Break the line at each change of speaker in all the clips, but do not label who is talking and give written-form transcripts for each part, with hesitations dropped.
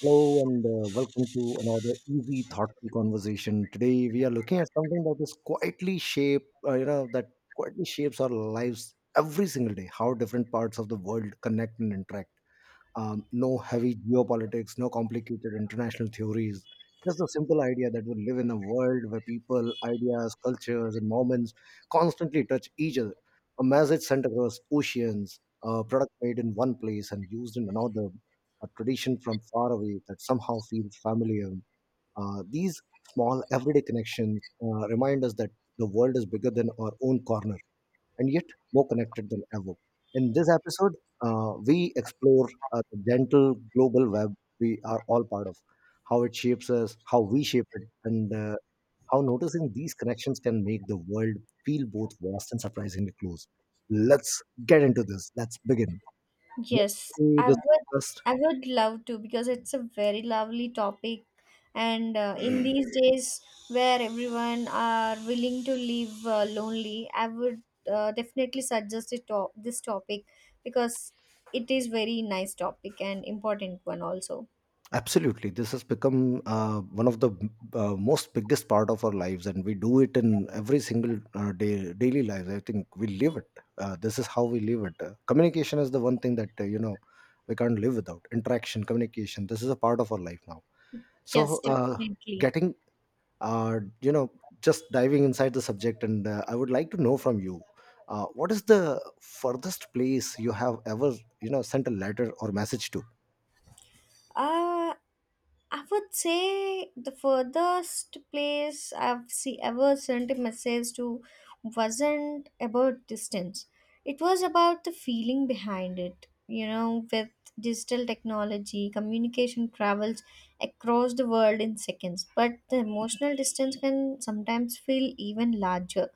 Hello and welcome to another easy, thoughtful conversation. Today we are looking at something that is quietly shape, you know, that quietly shapes our lives every single day. How different parts of the world connect and interact. No heavy geopolitics, no complicated international theories. Just a simple idea that we live in a world where people, ideas, cultures, and moments constantly touch each other. A message sent across oceans, a product made in one place and used in another, a tradition from far away that somehow feels familiar. These small everyday connections remind us that the world is bigger than our own corner and yet more connected than ever. In this episode, we explore the gentle global web we are all part of, how it shapes us, how we shape it, and how noticing these connections can make the world feel both vast and surprisingly close. Let's get into this. Let's begin. Welcome
Yes,
to
I
this
would.
podcast.
I would love to because it's a very lovely topic, and in these days where everyone are willing to live lonely, I would definitely suggest this topic because it is very nice topic and important one also.
Absolutely, this has become one of the most biggest part of our lives, and we do it in every single day, daily lives. I think we live it. This is how we live it. Communication is the one thing that we can't live without. Interaction, communication. This is a part of our life now.
Yes,
So,
definitely.
getting uh, you know just diving inside the subject, and I would like to know from you, what is the furthest place you have ever sent a letter or message to?
Uh, I would say the furthest place ever sent a message to wasn't about distance. It was about the feeling behind it. You know, with digital technology, communication travels across the world in seconds, but the emotional distance can sometimes feel even larger,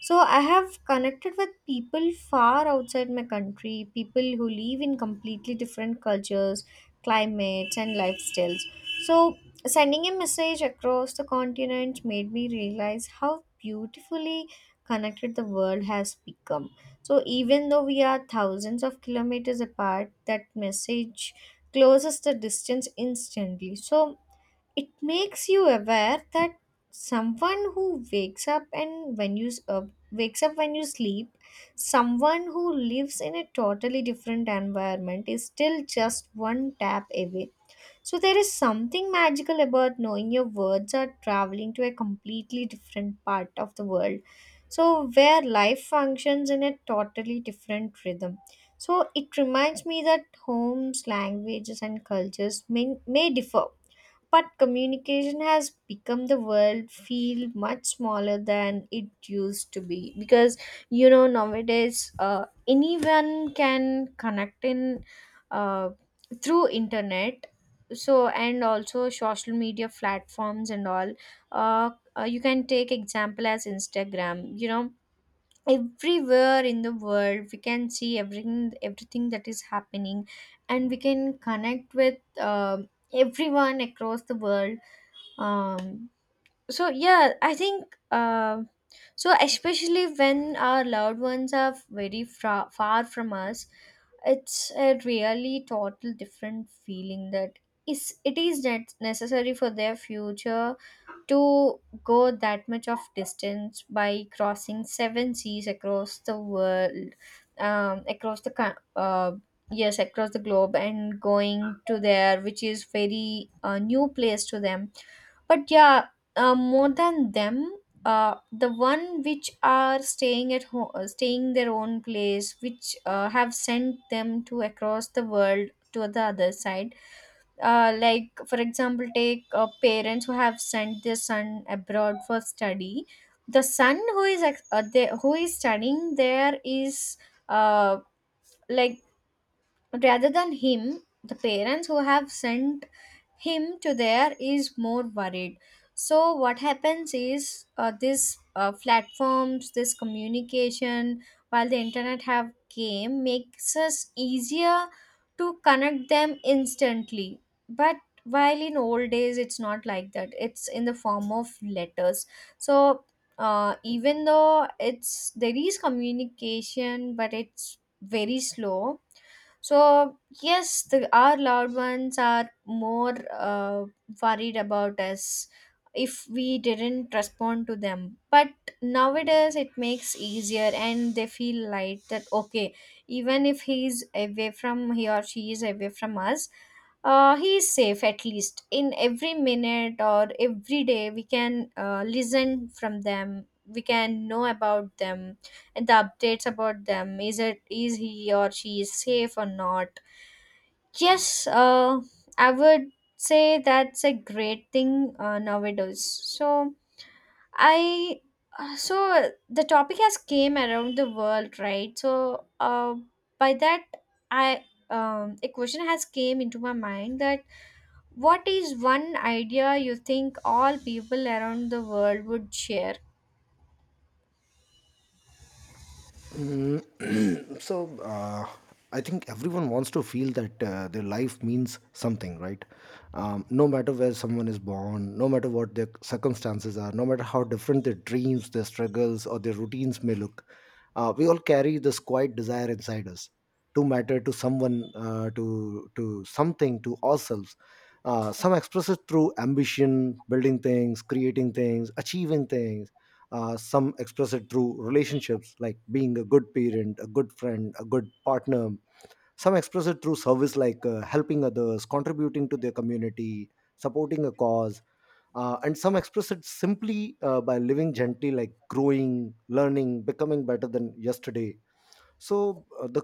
so I have connected with people far outside my country, people who live in completely different cultures, climates, and lifestyles. So sending a message across the continent made me realize how beautifully connected the world has become. So even though we are thousands of kilometers apart, that message closes the distance instantly. So it makes you aware that someone who wakes up and wakes up when you sleep, someone who lives in a totally different environment is still just one tap away, so there is something magical about knowing your words are traveling to a completely different part of the world, so where life functions in a totally different rhythm. So it reminds me that homes, languages and cultures may differ, but communication has become the world feel much smaller than it used to be because you know nowadays anyone can connect in uh, through internet. So and also social media platforms and all, uh, you can take example as Instagram. You know, everywhere in the world we can see everything that is happening, and we can connect with everyone across the world. um, so yeah, I think, so especially when our loved ones are very far from us, it's a really total different feeling, that is it is necessary for their future to go that much of distance by crossing seven seas across the world, um, across the co- uh, yes, across the globe and going to there, which is very new place to them. But yeah, more than them, the one which are staying at home, staying their own place, which have sent them to across the world to the other side. Like for example, take parents who have sent their son abroad for study. The son who is who is studying there is, uh, like, rather than him, the parents who have sent him to there is more worried. So what happens is, this platforms, this communication, while the internet have came, makes us easier to connect them instantly. But while in old days it's not like that, it's in the form of letters. So even though it's there is communication, but it's very slow. So yes, our loved ones are more worried about us if we didn't respond to them. But nowadays, it makes easier, and they feel light that okay, even if he's away from he or she is away from us, he is safe. At least in every minute or every day we can listen from them, we can know about them, and the updates about them is it is he or she is safe or not. Yes, I would say that's a great thing nowadays. So I, so the topic has came around the world, right? So, by that I a question has came into my mind that what is one idea you think all people around the world would share?
Mm, I think everyone wants to feel that their life means something, right? No matter where someone is born, no matter what their circumstances are, no matter how different their dreams, their struggles, or their routines may look, we all carry this quiet desire inside us to matter to someone, to something, to ourselves. Some express it through ambition, building things, creating things, achieving things. Some express it through relationships, like being a good parent, a good friend, a good partner. Some express it through service, like helping others, contributing to their community, supporting a cause. And some express it simply by living gently, like growing, learning, becoming better than yesterday. So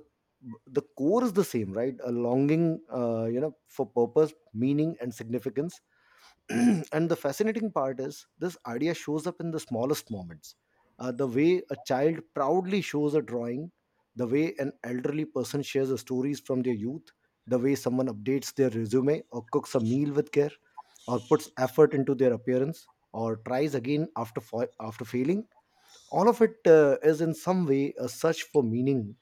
the core is the same, right? A longing, for purpose, meaning, and significance. And the fascinating part is this idea shows up in the smallest moments. The way a child proudly shows a drawing, the way an elderly person shares the stories from their youth, the way someone updates their resume or cooks a meal with care, or puts effort into their appearance, or tries again after after failing. All of it is in some way a search for meaning,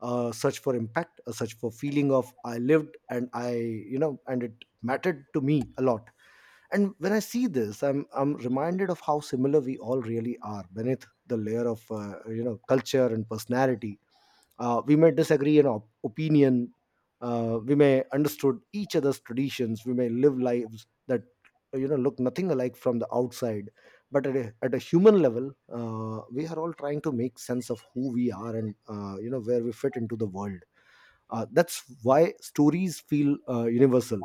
a search for impact, a search for feeling of I lived and I you know and it mattered to me a lot. And when I see this, I'm reminded of how similar we all really are beneath the layer of culture and personality. We may disagree in opinion. We may understood each other's traditions. We may live lives that look nothing alike from the outside. But at a human level, we are all trying to make sense of who we are and where we fit into the world. That's why stories feel universal,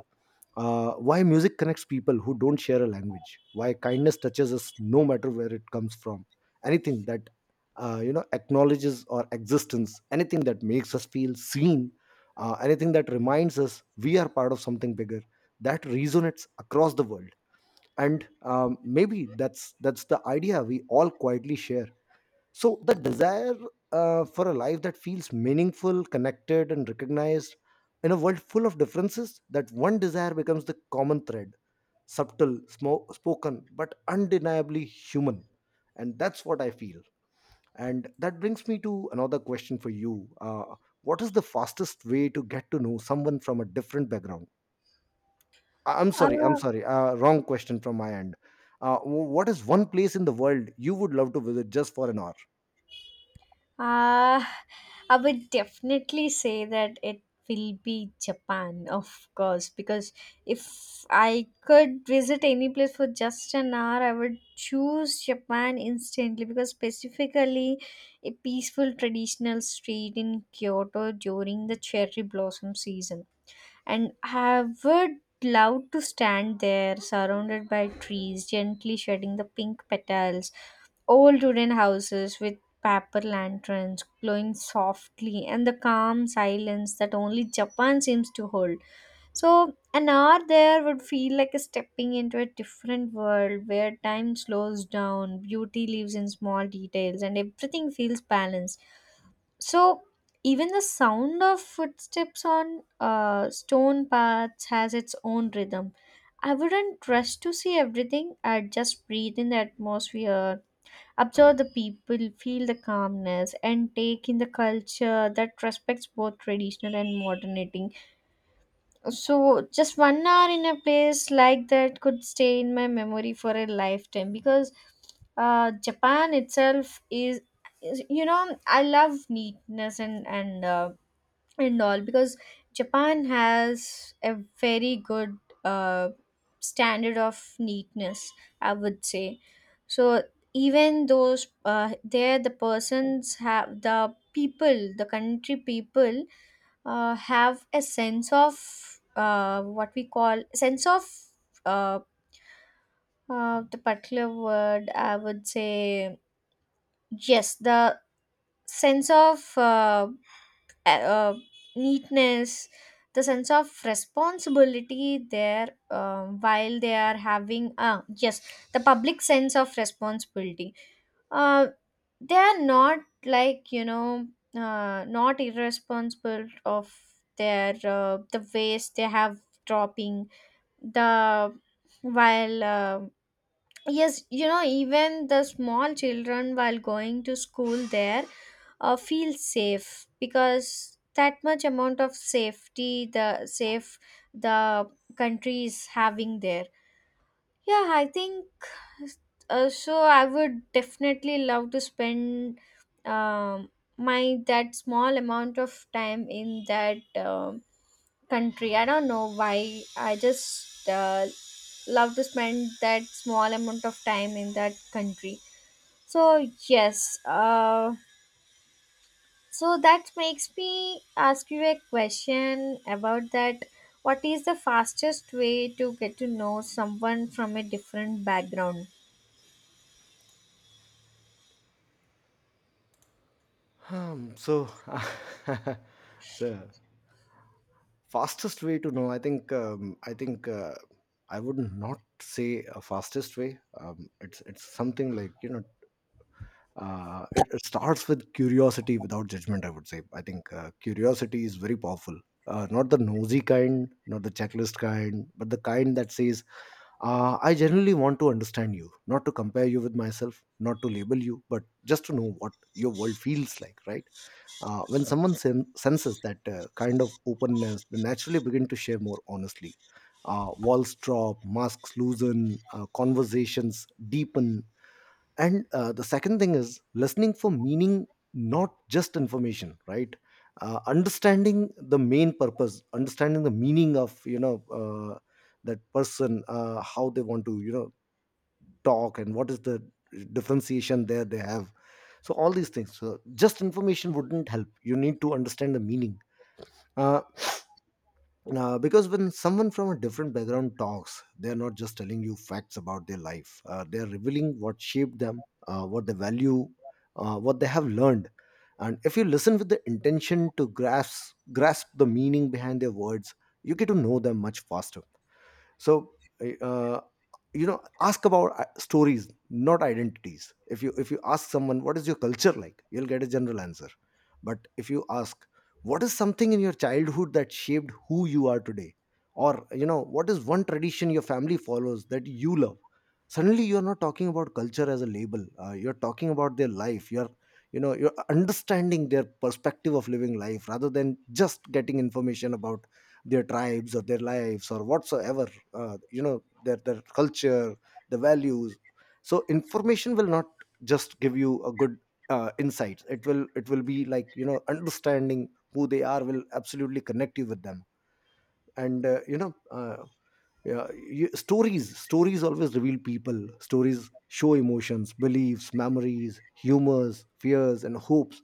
why music connects people who don't share a language. Why kindness touches us no matter where it comes from. Anything that acknowledges our existence. Anything that makes us feel seen. Anything that reminds us we are part of something bigger. That resonates across the world. And maybe that's the idea we all quietly share. So the desire for a life that feels meaningful, connected, and recognized in a world full of differences, that one desire becomes the common thread, subtle, spoken, but undeniably human. And that's what I feel. And that brings me to another question for you. What is the fastest way to get to know someone from a different background? I'm sorry, I'm
Uh,
sorry, wrong question from my end. What is one place in the world you would love to visit just for an hour?
uh, I would definitely say that it will be Japan, of course, because if I could visit any place for just an hour, I would choose Japan instantly because, specifically, a peaceful traditional street in Kyoto during the cherry blossom season. And I would love to stand there surrounded by trees, gently shedding the pink petals, old wooden houses with paper lanterns glowing softly, and the calm silence that only Japan seems to hold. So, an hour there would feel like stepping into a different world where time slows down, beauty lives in small details, and everything feels balanced. So even the sound of footsteps on stone paths has its own rhythm. I wouldn't rush to see everything. I'd just breathe in the atmosphere, observe the people, feel the calmness, and take in the culture that respects both traditional and modernity. So just 1 hour in a place like that could stay in my memory for a lifetime, because Japan itself is you know, I love neatness, and and all, because Japan has a very good uh, standard of neatness, I would say. So even those, there the persons have, the people, the country people, have a sense of, what we call sense of, uh, the particular word, I would say. Yes, the sense of, uh, uh, neatness, the sense of responsibility there, um, while they are having, yes, the public sense of responsibility. uh, they are not, like you know, not irresponsible of their, the waste they have dropping, the, while, yes, you know, even the small children while going to school there feel safe, because that much amount of safety the safe the country is having there. Yeah, I think, so. I would definitely love to spend, um, my that small amount of time in that country. I don't know why. I just love to spend that small amount of time in that country. So yes, so that makes me ask you a question about that. What is the fastest way to get to know someone from a different background?
Um, so, the fastest way to know, I would not say a fastest way. It's something like you know, it, it starts with curiosity without judgment, I would say. I think curiosity is very powerful. Not the nosy kind, not the checklist kind, but the kind that says, "I generally want to understand you, not to compare you with myself, not to label you, but just to know what your world feels like." Right, when someone senses that kind of openness, they naturally begin to share more honestly. Walls drop, masks loosen, conversations deepen. And the second thing is listening for meaning, not just information, right? Understanding the main purpose, understanding the meaning of that person, how they want to talk, and what is the differentiation there they have. So all these things, so just information wouldn't help, you need to understand the meaning. uh, because when someone from a different background talks, they're not just telling you facts about their life, they're revealing what shaped them, what they value, what they have learned. And if you listen with the intention to grasp the meaning behind their words, you get to know them much faster. So uh, ask about stories, not identities. If you ask someone what is your culture like, you'll get a general answer. But if you ask what is something in your childhood that shaped who you are today, or what is one tradition your family follows that you love, suddenly you're not talking about culture as a label, you're talking about their life. You're you know You're understanding their perspective of living life rather than just getting information about their tribes or their lives or whatsoever. Their culture, the values. So information will not just give you a good insights. It will, it will be like understanding who they are will absolutely connect you with them. And stories, stories always reveal people. Stories show emotions, beliefs, memories, humors, fears, and hopes.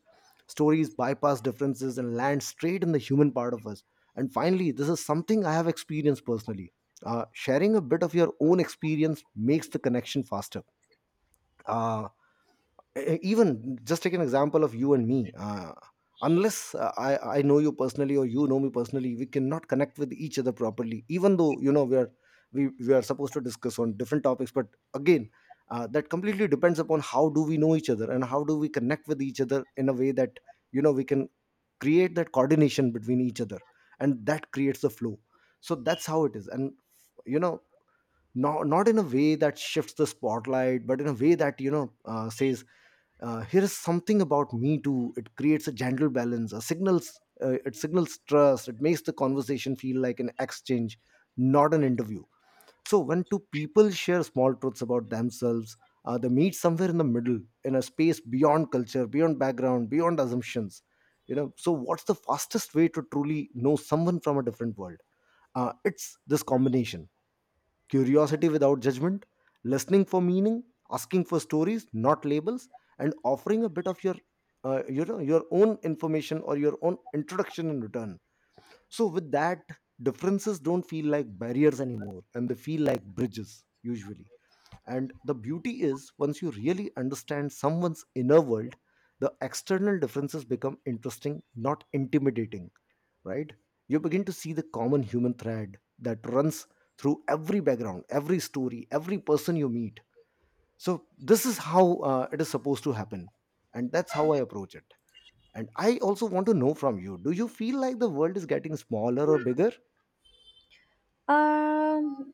Stories bypass differences and land straight in the human part of us. And finally, this is something I have experienced personally. Sharing a bit of your own experience makes the connection faster. uh, Even just take an example of you and me. Unless I know you personally or you know me personally, we cannot connect with each other properly, even though we are supposed to discuss on different topics, but again, that completely depends upon how do we know each other and how do we connect with each other in a way that we can create that coordination between each other, and that creates the flow. So that's how it is. And you know not, not in a way that shifts the spotlight, but in a way that says, here is something about me too. It creates a gentle balance, a signals, it signals trust. It makes the conversation feel like an exchange, not an interview. So when two people share small truths about themselves, they meet somewhere in the middle, in a space beyond culture, beyond background, beyond assumptions. So what's the fastest way to truly know someone from a different world? It's this combination: curiosity without judgment, listening for meaning, asking for stories, not labels, and offering a bit of your your own information or your own introduction in return. So with that, differences don't feel like barriers anymore, and they feel like bridges usually. And the beauty is, once you really understand someone's inner world, the external differences become interesting, not intimidating, right? You begin to see the common human thread that runs through every background, every story, every person you meet. So, this is how it is supposed to happen. And that's how I approach it. And I also want to know from you, do you feel like the world is getting smaller or bigger?
Um,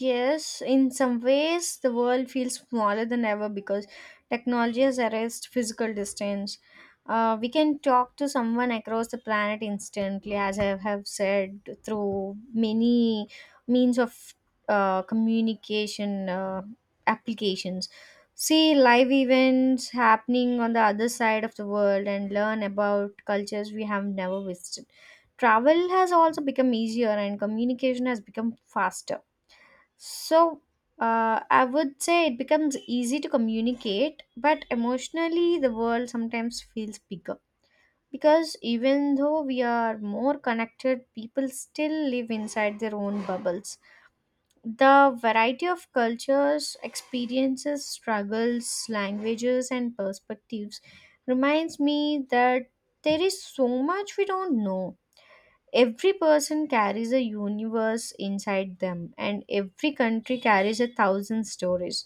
yes, in some ways, the world feels smaller than ever because technology has erased physical distance. We can talk to someone across the planet instantly, as I have said, through many means of communication applications. See live events happening on the other side of the world and learn about cultures we have never visited. Travel has also become easier, and communication has become faster. So, I would say it becomes easy to communicate, but emotionally, the world sometimes feels bigger. Because even though we are more connected, people still live inside their own bubbles. The variety of cultures, experiences, struggles, languages, and perspectives reminds me that there is so much we don't know. Every person carries a universe inside them, and every country carries a thousand stories.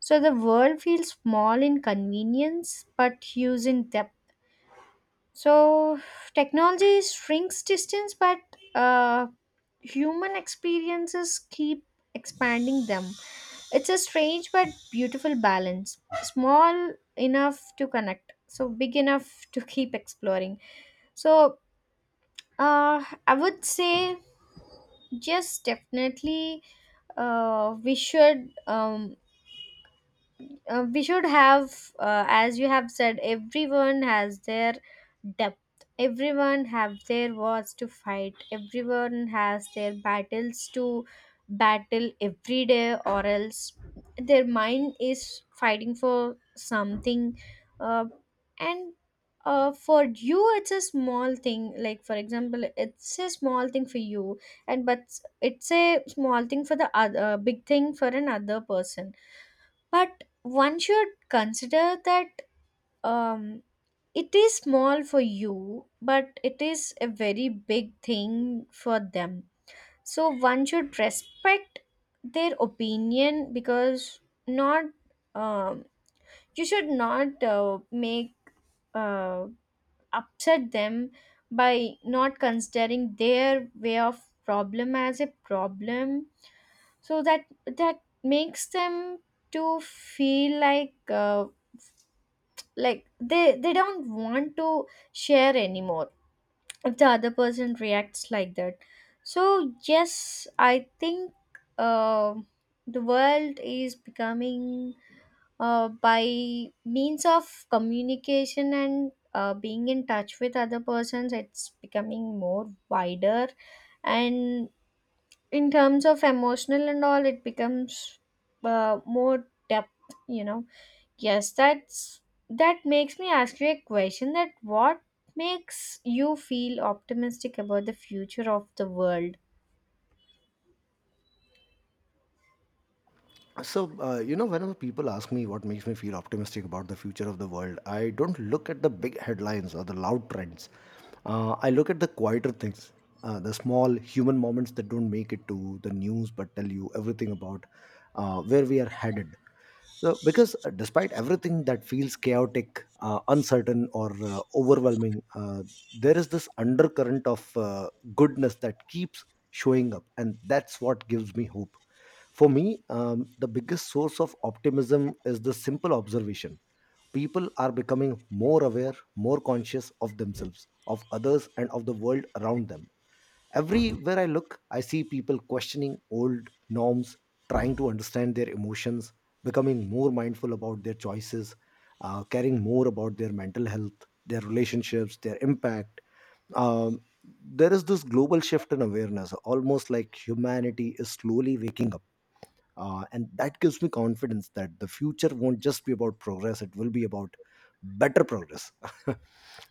So the world feels small in convenience but huge in depth. So technology shrinks distance, but uh, human experiences keep expanding them. It's a strange but beautiful balance. Small enough to connect, so big enough to keep exploring. So I would say. Yes, definitely. Uh, we should um, we should have, as you have said, everyone has their depth, everyone have their wars to fight, everyone has their battles to battle every day, or else their mind is fighting for something, uh, and, for you it's a small thing, like for example it's a small thing for you and but it's a small thing for the other, big thing for another person, but one should consider that, um, it is small for you but it is a very big thing for them. So one should respect their opinion, because not, um, you should not make uh, upset them by not considering their way of problem as a problem. So that makes them to feel like they don't want to share anymore if the other person reacts like that. So yes, I think, uh, the world is becoming, by means of communication and being in touch with other persons, it's becoming more wider, and in terms of emotional and all it becomes more depth, you know. Yes, that makes me ask you a question that what makes you feel optimistic about the future of the world?
So, whenever people ask me what makes me feel optimistic about the future of the world, I don't look at the big headlines or the loud trends. I look at the quieter things, the small human moments that don't make it to the news but tell you everything about where we are headed. Because despite everything that feels chaotic, uncertain, or overwhelming, there is this undercurrent of goodness that keeps showing up, and that's what gives me hope. For me, the biggest source of optimism is the simple observation. People are becoming more aware, more conscious of themselves, of others, and of the world around them. Everywhere I look, I see people questioning old norms, trying to understand their emotions, becoming more mindful about their choices, caring more about their mental health, their relationships, their impact. Um, there is this global shift in awareness, almost like humanity is slowly waking up, and that gives me confidence that the future won't just be about progress, it will be about better progress.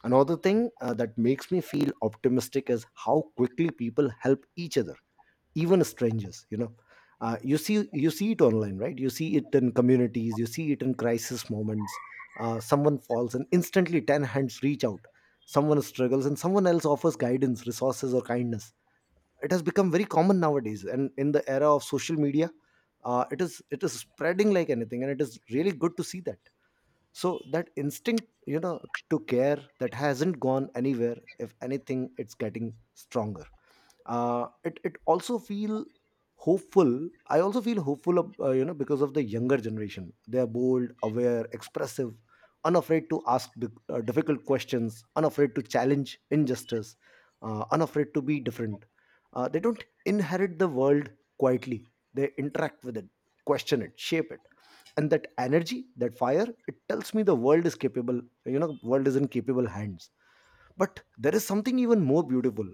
Another thing that makes me feel optimistic is how quickly people help each other, even strangers, you know. You see it online, right? You see it in communities, you see it in crisis moments. Someone falls and instantly 10 hands reach out. Someone struggles and someone else offers guidance, resources, or kindness. It has become very common nowadays, and in the era of social media, it is spreading like anything, and it is really good to see that. So that instinct, you know, to care, that hasn't gone anywhere. If anything, it's getting stronger. It also feel hopeful. I also feel hopeful you know, because of the younger generation. They are bold, aware, expressive, unafraid to ask the, difficult questions, unafraid to challenge injustice, unafraid to be different. They don't inherit the world quietly, they interact with it, question it, shape it. And that energy, that fire, it tells me the world is capable. You know, world is in capable hands. But there is something even more beautiful.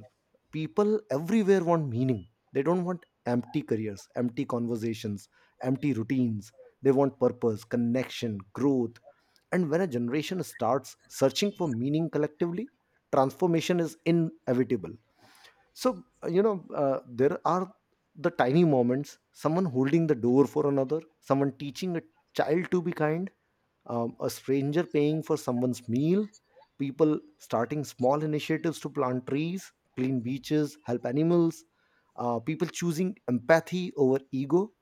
People everywhere want meaning. They don't want empty careers, empty conversations, empty routines. They want purpose, connection, growth. And when a generation starts searching for meaning collectively, transformation is inevitable. So there are the tiny moments: someone holding the door for another, someone teaching a child to be kind, a stranger paying for someone's meal, people starting small initiatives to plant trees, clean beaches, help animals, people choosing empathy over ego.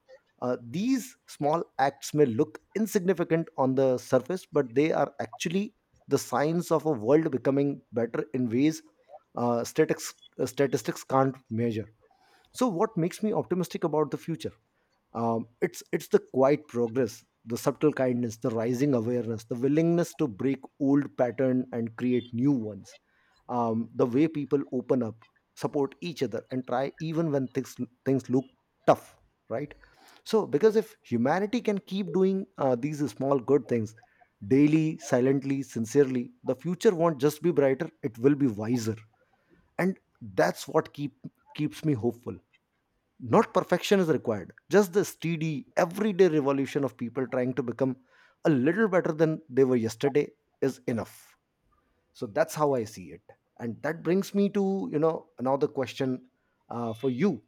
These small acts may look insignificant on the surface, but they are actually the signs of a world becoming better in ways statistics can't measure. So, what makes me optimistic about the future? It's the quiet progress, the subtle kindness, the rising awareness, the willingness to break old pattern and create new ones, the way people open up, support each other, and try even when things look tough, right? Because if humanity can keep doing these small good things daily, silently, sincerely, the future won't just be brighter, it will be wiser. And that's what keeps me hopeful. Not perfection is required, just the steady, everyday revolution of people trying to become a little better than they were yesterday is enough. So that's how I see it. And that brings me to, you know, another question for you.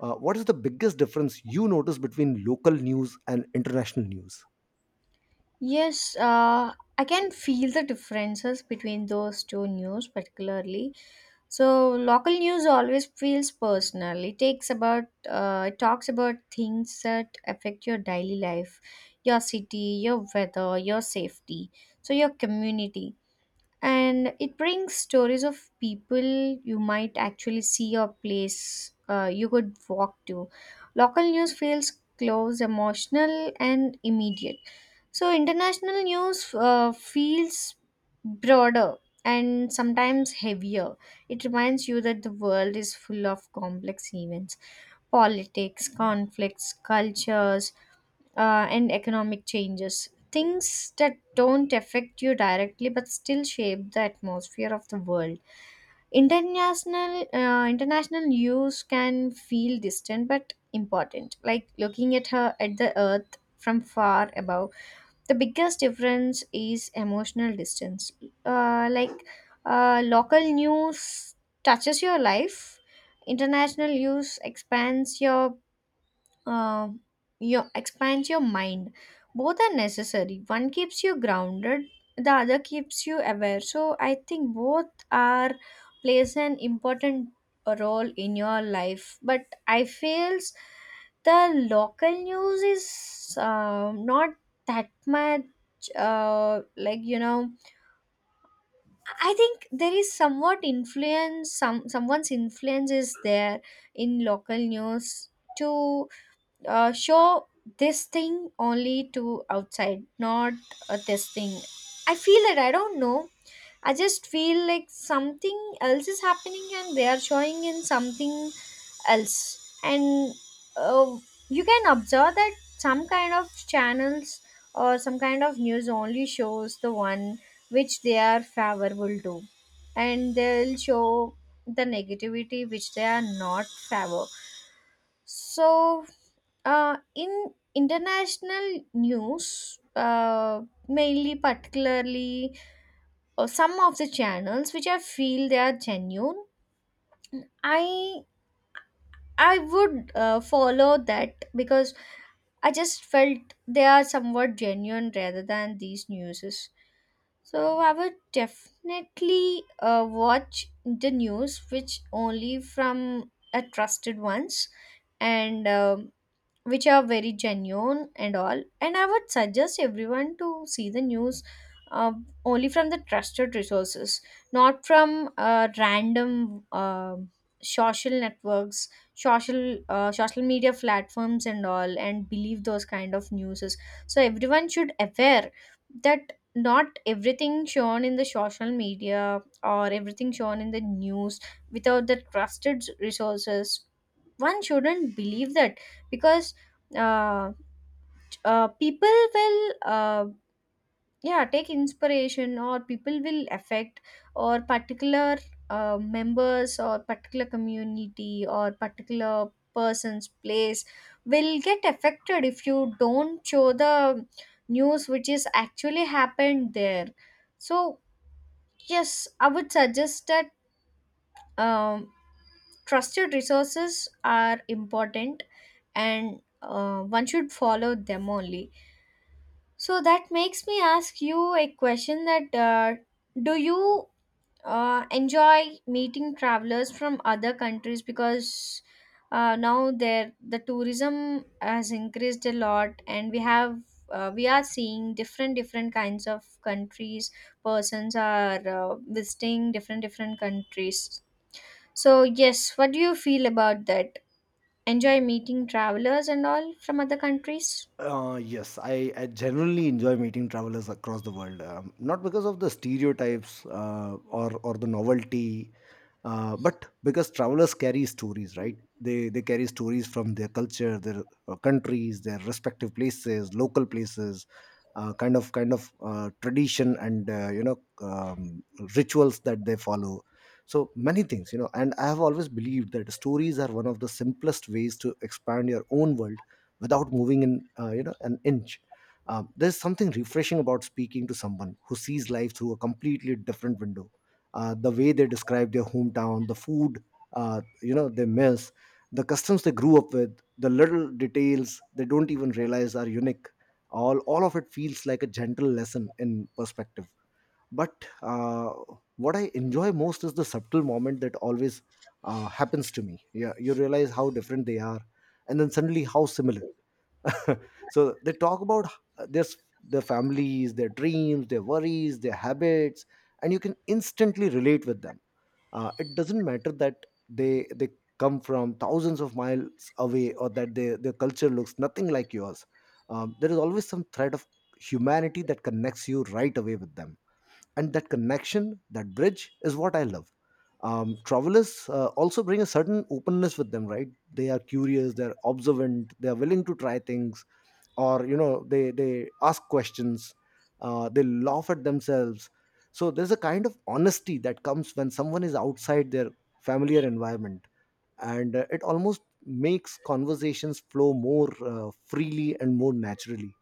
What is the biggest difference you notice between local news and international news?
Yes, I can feel the differences between those two news particularly. So local news always feels personal. It talks about things that affect your daily life, your city, your weather, your safety, so your community. And it brings stories of people you might actually see, or place you could walk to. Local news feels close, emotional, and immediate. So international news feels broader and sometimes heavier. It reminds you that the world is full of complex events, politics, conflicts, cultures, and economic changes. Things that don't affect you directly but still shape the atmosphere of the world. International news can feel distant but important, like looking at her at the earth from far above. The biggest difference is emotional distance. Like, local news touches your life. International news expands your, uh, expands your mind. Both are necessary, one keeps you grounded, the other keeps you aware. So I think both are plays an important role in your life, but I feels the local news is not that much, like you know, I think there is somewhat influence, someone's influence is there in local news, to show this thing only to outside, not this thing. I feel that, I don't know, I just feel like something else is happening and they are showing in something else. And uh, you can observe that some kind of channels or some kind of news only shows the one which they are favorable to, and they'll show the negativity which they are not favor. So, in international news, mainly particularly, some of the channels which I feel they are genuine, I I would follow that, because I just felt they are somewhat genuine rather than these newses. So I would definitely watch the news which only from trusted ones, and. Which are very genuine and all. And I would suggest everyone to see the news uh, only from the trusted resources, not from random social networks, social media platforms, and all, and believe those kind of newses. So everyone should aware that not everything shown in the social media or everything shown in the news without the trusted resources, one shouldn't believe that. Because, uh, people will yeah, take inspiration, or people will affect, or particular members, or particular community, or particular person's place will get affected if you don't show the news which is actually happened there. So yes, I would suggest that, um, trusted resources are important, and one should follow them only. So that makes me ask you a question that, do you enjoy meeting travelers from other countries, because now there the tourism has increased a lot, and we are seeing different different kinds of countries, persons are visiting different different countries. So yes, what do you feel about that, enjoy meeting travelers and all from other countries?
Yes, I generally enjoy meeting travelers across the world. Not because of the stereotypes or the novelty, but because travelers carry stories, right? They carry stories from their culture, their countries, their respective places, local places, kind of tradition, and um, rituals that they follow. So many things, you know. And I have always believed that stories are one of the simplest ways to expand your own world without moving in, you know, an inch. There's something refreshing about speaking to someone who sees life through a completely different window. The way they describe their hometown, the food, you know, they miss the customs they grew up with, the little details they don't even realize are unique, all of it feels like a gentle lesson in perspective. But what I enjoy most is the subtle moment that always happens to me. Yeah, you realize how different they are, and then suddenly how similar. So they talk about uh, this, their their families, their dreams, their worries, their habits, and you can instantly relate with them. It doesn't matter that they come from thousands of miles away, or that they, their culture looks nothing like yours. There is always some thread of humanity that connects you right away with them, and that connection, that bridge, is what I love. Travelers also bring a certain openness with them, right? They are curious, they're observant, they are willing to try things, or you know, they ask questions, they laugh at themselves. So there's a kind of honesty that comes when someone is outside their familiar environment, and it almost makes conversations flow more freely and more naturally.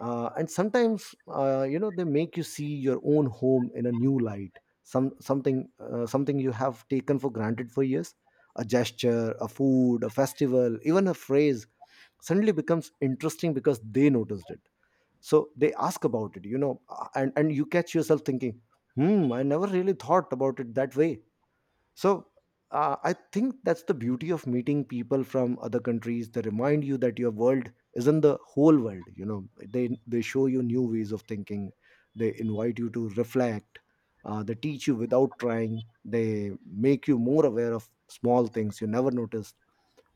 And sometimes you know, they make you see your own home in a new light. Something something you have taken for granted for years, a gesture, a food, a festival, even a phrase, suddenly becomes interesting because they noticed it. So they ask about it, you know, and you catch yourself thinking, hmm, I never really thought about it that way. So I think that's the beauty of meeting people from other countries. They remind you that your world isn't the whole world, you know. They show you new ways of thinking, they invite you to reflect, they teach you without trying, they make you more aware of small things you never noticed.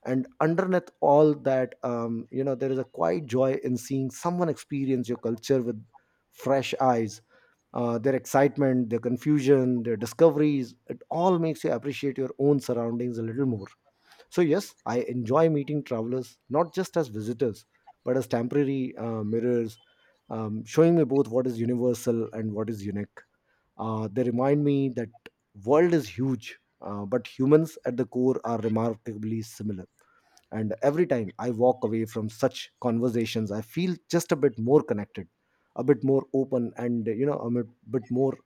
And underneath all that, you know, there is a quiet joy in seeing someone experience your culture with fresh eyes. Their excitement, their confusion, their discoveries, it all makes you appreciate your own surroundings a little more. So yes, I enjoy meeting travelers not just as visitors, but as temporary mirrors, showing me both what is universal and what is unique. They remind me that world is huge, but humans at the core are remarkably similar. And every time I walk away from such conversations, I feel just a bit more connected, a bit more open, and you know, I'm a bit more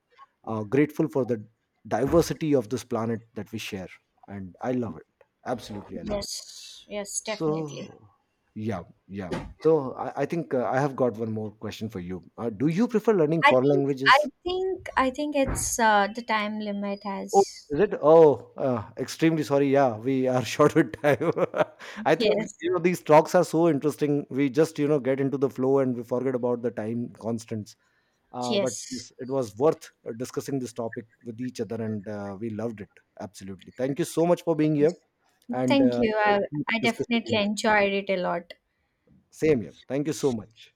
grateful for the diversity of this planet that we share. And I love it. Absolutely, I love it.
Yes, yes, definitely.
So, yeah, yeah. So I think I have got one more question for you. Do you prefer learning
I
foreign
think I
languages?
I think it's, the time limit
Oh,
has.
is it? Oh, extremely sorry. Yeah, we are short with time. I think
Yes,
you know these talks are so interesting. We just, you know, get into the flow and we forget about the time constants. But
yes.
yes, it was worth discussing this topic with each other, and we loved it, absolutely. Thank you so much for being here, and
Thank you.
we'll
I
keep
I
discussing
definitely
more.
enjoyed it a lot.
Same here. Thank you so much.